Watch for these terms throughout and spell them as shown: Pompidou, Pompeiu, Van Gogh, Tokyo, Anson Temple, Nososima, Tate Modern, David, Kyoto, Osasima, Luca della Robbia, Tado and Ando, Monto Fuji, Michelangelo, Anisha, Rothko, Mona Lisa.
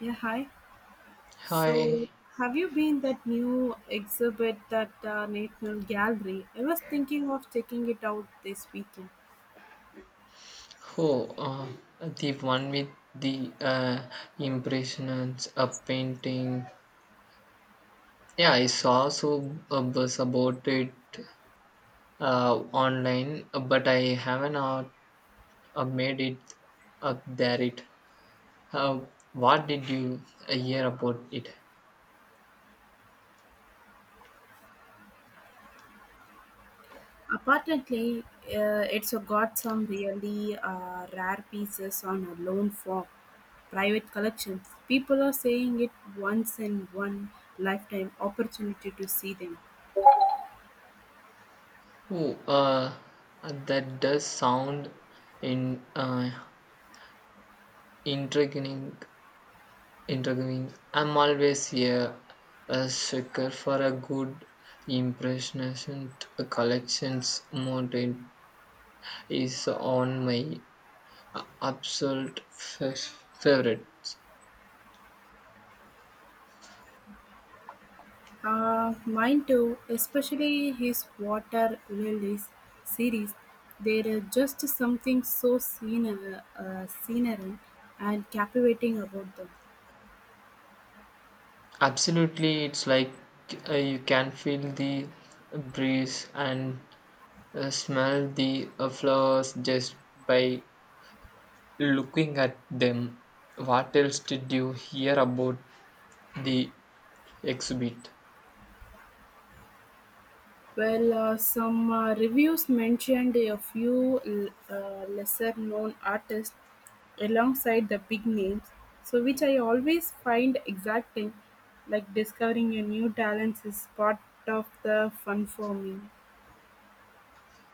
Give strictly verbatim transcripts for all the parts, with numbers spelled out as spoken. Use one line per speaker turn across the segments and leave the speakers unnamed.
Yeah, hi. So,
Hi,
have you been that new exhibit that uh, National Gallery? I was thinking of taking it out this weekend.
oh, uh, the one with the uh, impressions, a painting. Yeah, I saw so a buzz about it uh, online, but I haven't uh, uh, made it up there it. Uh, what did you uh, hear about it?
Apparently, uh, it's uh, got some really uh, rare pieces on a loan for private collections. People are saying it once in one lifetime opportunity to see them.
Oh, uh, that does sound in uh, intriguing. Interviewing. I'm always a, a sucker for a good impressionist collections. Mountain is on my absolute f- favorites.
Uh, mine too, especially his Water Lilies series. There is just something so scenery, uh, scenery and captivating about them.
Absolutely, it's like uh, you can feel the breeze and uh, smell the uh, flowers just by looking at them. What else did you hear about the exhibit?
Well, uh, some uh, reviews mentioned a few uh, lesser known artists alongside the big names, so which I always find exciting, like discovering a new talent is part of the fun for me.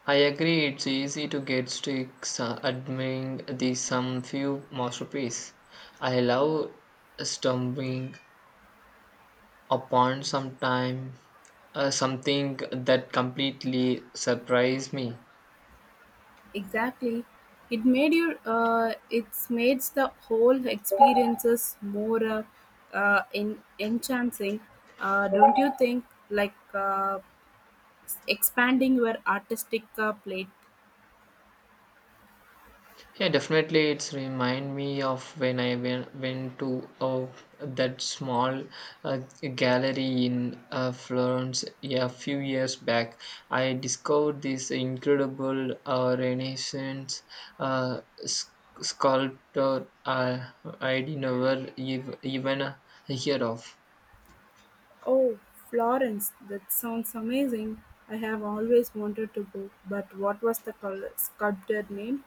I agree it's easy to get sticks uh, admiring the some few masterpiece. I love stumbling upon sometime uh, something that completely surprised me.
Exactly. It made you. Uh, it's made the whole experiences more uh, uh, en- enchanting, uh, don't you think? Like uh, expanding your artistic uh, plate.
Yeah, definitely. It's remind me of when I went, went to oh, that small uh, gallery in uh, Florence, yeah, a few years back. I discovered this incredible uh, Renaissance uh, s- sculptor uh, I'd never ev- even heard of.
Oh, Florence, that sounds amazing. I have always wanted to go, but what was the col- sculptor name?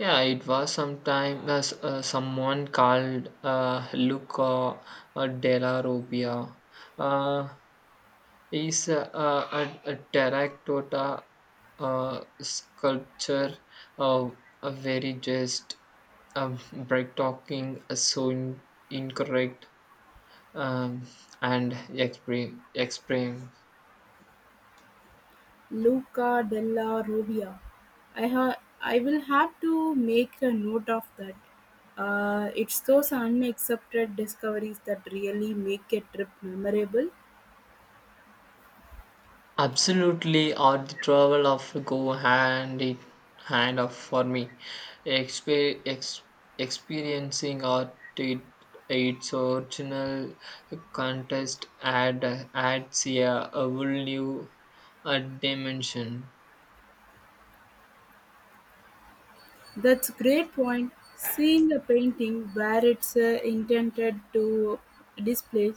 Yeah, it was sometime as s- uh, someone called uh, Luca uh, della Robbia. Uh, is uh, a, a terracotta uh, sculpture uh, a very just um, bright talking uh, so in, incorrect um, and expre- explain.
Luca della Robbia. I ha- I will have to make a note of that. Uh, it's those unaccepted discoveries that really make a trip memorable.
Absolutely, art the travel of go hand in hand of for me. Exper- ex- Experiencing art it, its original contest add adds a, a whole new uh, dimension.
That's a great point. Seeing a painting where it's uh, intended to display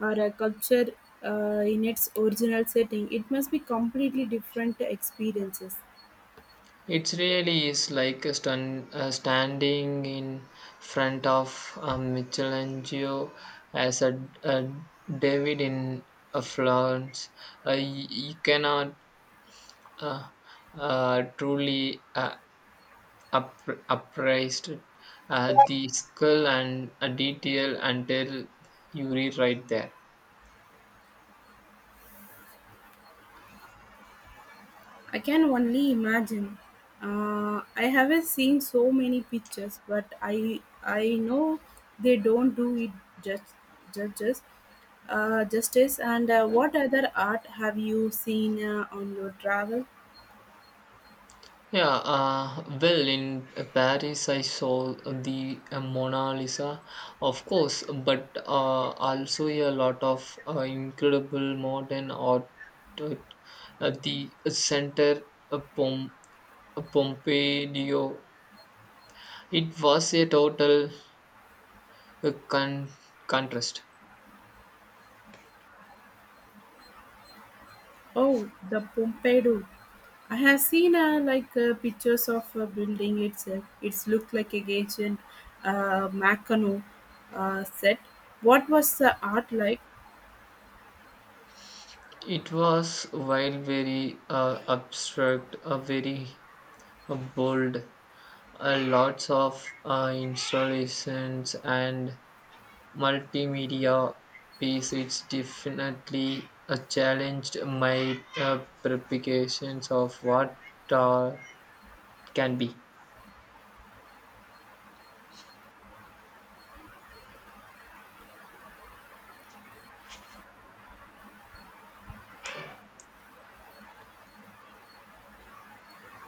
or a culture uh, in its original setting, it must be completely different experiences.
It really is like a stun- uh, standing in front of a Michelangelo as a, a David in a Florence. Uh, y- you cannot uh, uh, truly uh, up- appraised uh, the skill and uh, detail until you rewrite there.
I can only imagine. Uh, I haven't seen so many pictures, but I I know they don't do it just judges uh, justice. And uh, what other art have you seen uh, on your travel?
Yeah, uh, well, in Paris, I saw the uh, Mona Lisa, of course, but uh, also a lot of uh, incredible modern art, uh, at uh, the center of Pom- Pompeiu, it was a total uh, con- contrast.
Oh, the Pompidou. I have seen uh, like uh, pictures of a building itself. It's looked like a ancient uh, Mackinac uh, set. What was the art like?
It was, while very uh, abstract, a very uh, bold, uh, lots of uh, installations and multimedia piece. It's definitely uh, challenged my uh, preparations of what uh, can be.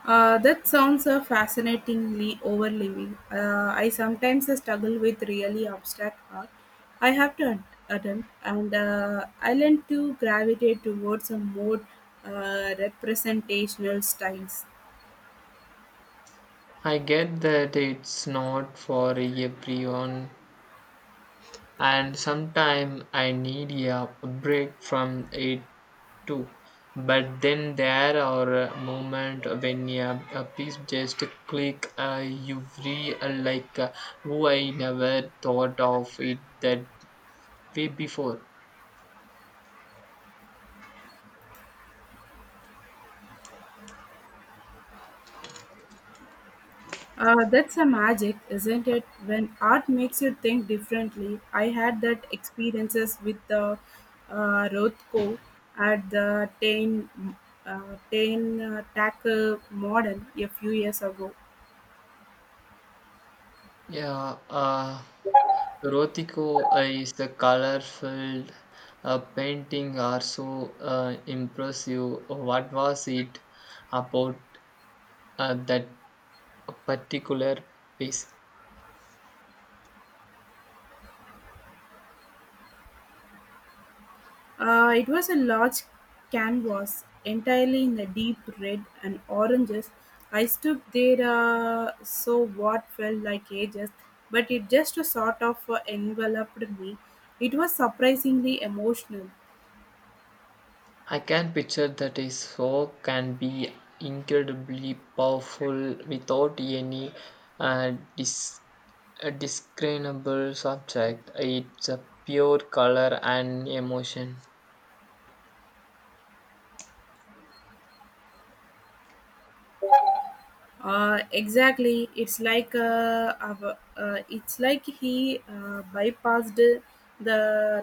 Uh, that sounds uh, fascinatingly overwhelming. Uh, I sometimes uh, struggle with really abstract art. I have to at- attempt, and uh, I learn to gravitate towards a more uh, representational styles.
I get that it's not for everyone, and sometimes I need a break from it too. But then there are moments when a, a piece just click. Uh, you feel uh, like, uh, "Oh, I never thought of it that way before."
Uh, that's a magic, isn't it? When art makes you think differently. I had that experiences with the uh, Rothko at the Tain uh, Tain uh, Tackle Modern a few years ago.
Yeah, uh, Rotico is the colorful uh, painting are so uh, impressive. What was it about uh, that particular piece?
Uh, it was a large canvas entirely in the deep red and oranges. I stood there, uh, so what felt like ages, but it just sort of uh, enveloped me. It was surprisingly emotional.
I can picture that a work can be incredibly powerful without any uh, dis- uh, discernible subject. It's a pure color and emotion.
Uh, exactly. It's like uh, av- uh, it's like he uh, bypassed the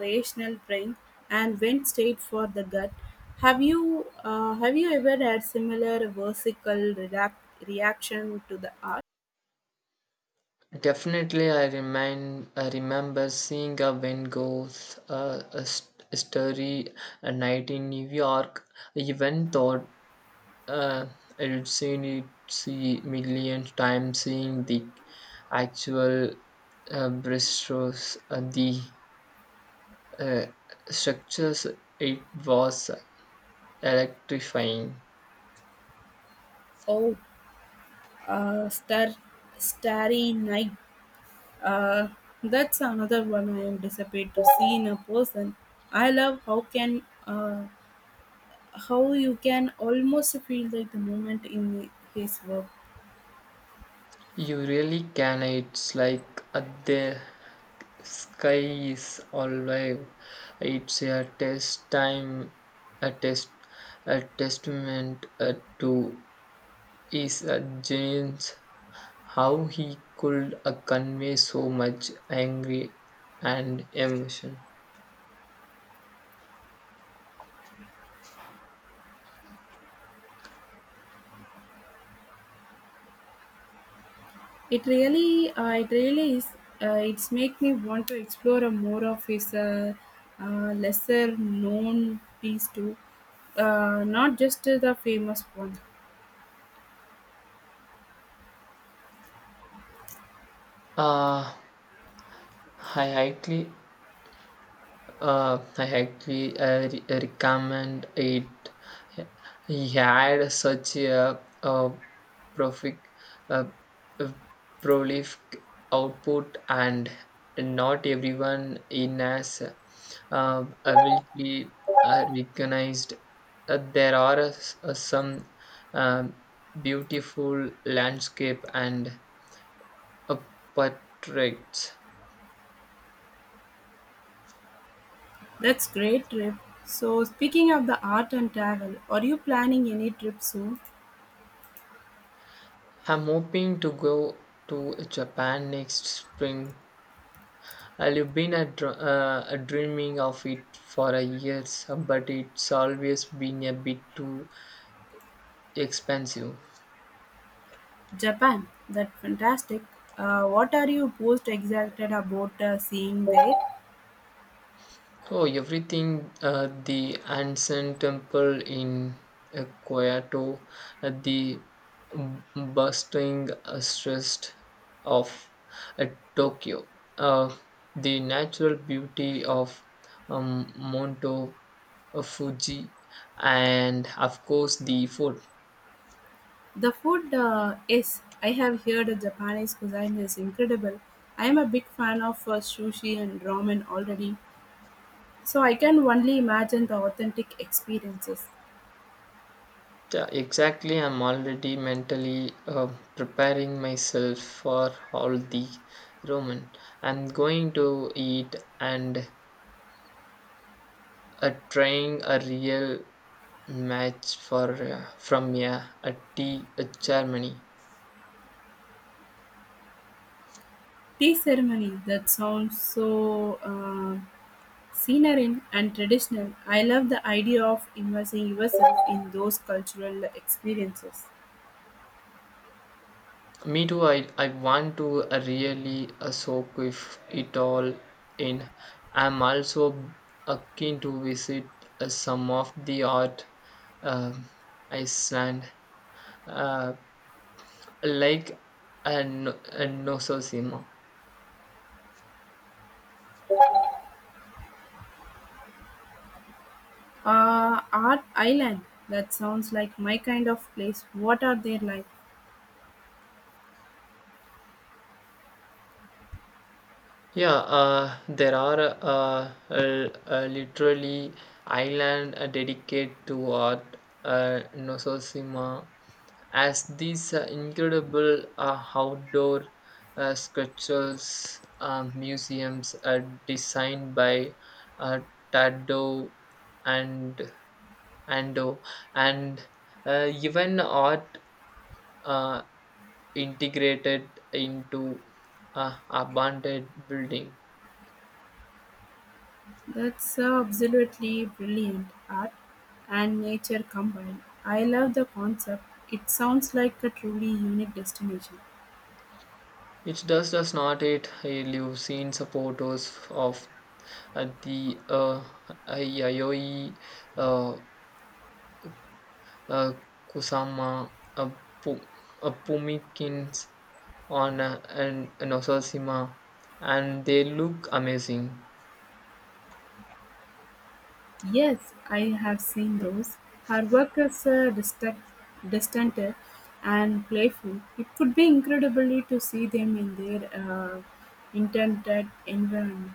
rational brain and went straight for the gut. Have you uh, have you ever had similar versical reac- reaction to the art?
Definitely, I remind I remember seeing a Van Gogh's uh, a st- story a night in New York. Even though Uh, I have seen it see million times seeing the actual uh, breaststroke, uh, the uh, structures. It was electrifying.
Oh, uh, star, starry night. Uh, that's another one I am disappointed to see in a person. I love how can uh, how you can almost feel like the moment in his work.
You really can. It's like uh, the sky is alive. It's a test time, a test, a testament uh, to his uh, genius how he could uh, convey so much anger and emotion.
It really, uh, it really is. Uh, it's make me want to explore a more of his uh, uh, lesser known piece too, uh, not just the famous one.
Uh, I highly Uh, I actually I re- recommend it. He had such a, a prolific, a, prolific output, and not everyone in as uh, ability uh, recognized. Uh, there are uh, s- uh, some um, beautiful landscape and uh, portraits.
That's great trip. So speaking of the art and travel, are you planning any trip soon?
I'm hoping to go to Japan next spring. I've been a, dr- uh, a dreaming of it for a years, but it's always been a bit too expensive.
Japan, that's fantastic. Uh, what are you most excited about uh, seeing there?
Oh, everything, uh, the Anson Temple in uh, Kyoto, uh, the b- bustling uh, stress of uh, Tokyo, uh, the natural beauty of um, Monto uh, Fuji, and of course the food.
The food, uh, yes, I have heard that Japanese cuisine is incredible. I am a big fan of uh, sushi and ramen already, so I can only imagine the authentic experiences.
Yeah, exactly, I'm already mentally uh, preparing myself for all the ramen. I'm going to eat and Uh, trying a real match for uh, from, yeah, a tea a Germany.
Tea ceremony that sounds so uh, scenery and traditional. I love the idea of immersing yourself in those cultural experiences.
Me too. I, I want to uh, really uh, soak with it all in. I'm also uh, keen to visit uh, some of the art um, Iceland, uh, like a, no- a Nososima.
Uh, art island that sounds like my kind of place. What are they like?
Yeah, uh, there are uh, uh, uh, literally island uh, dedicated to art, uh, Nososima, as these uh, incredible uh, outdoor uh, sculptures um, museums are designed by uh, Tado and Ando, and uh, even art uh, integrated into uh, abandoned building.
That's uh, absolutely brilliant art and nature combined. I love the concept. It sounds like a truly unique destination.
It does does not it. I live seen supporters of uh, the uh, Yayoi uh, uh, Kusama uh, Pu- uh, Pumikins on uh, and and Osasima, and they look amazing.
Yes, I have seen those. Her work is uh, distant, distant and playful. It could be incredibly to see them in their uh, intended environment.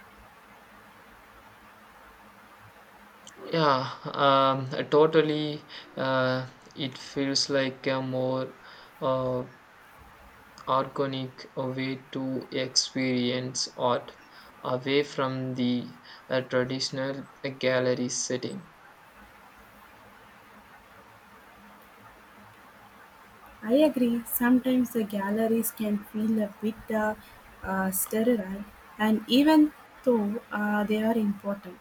Yeah, um, totally. Uh, it feels like a more uh, organic a way to experience art away from the uh, traditional uh, gallery setting.
I agree, sometimes the galleries can feel a bit uh, uh, sterile, and even though uh, they are important,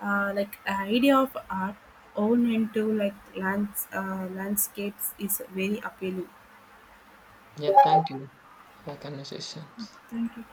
uh, like the idea of art owned into like lands, uh, landscapes is very appealing.
Yeah, thank you for conversations.
Thank you.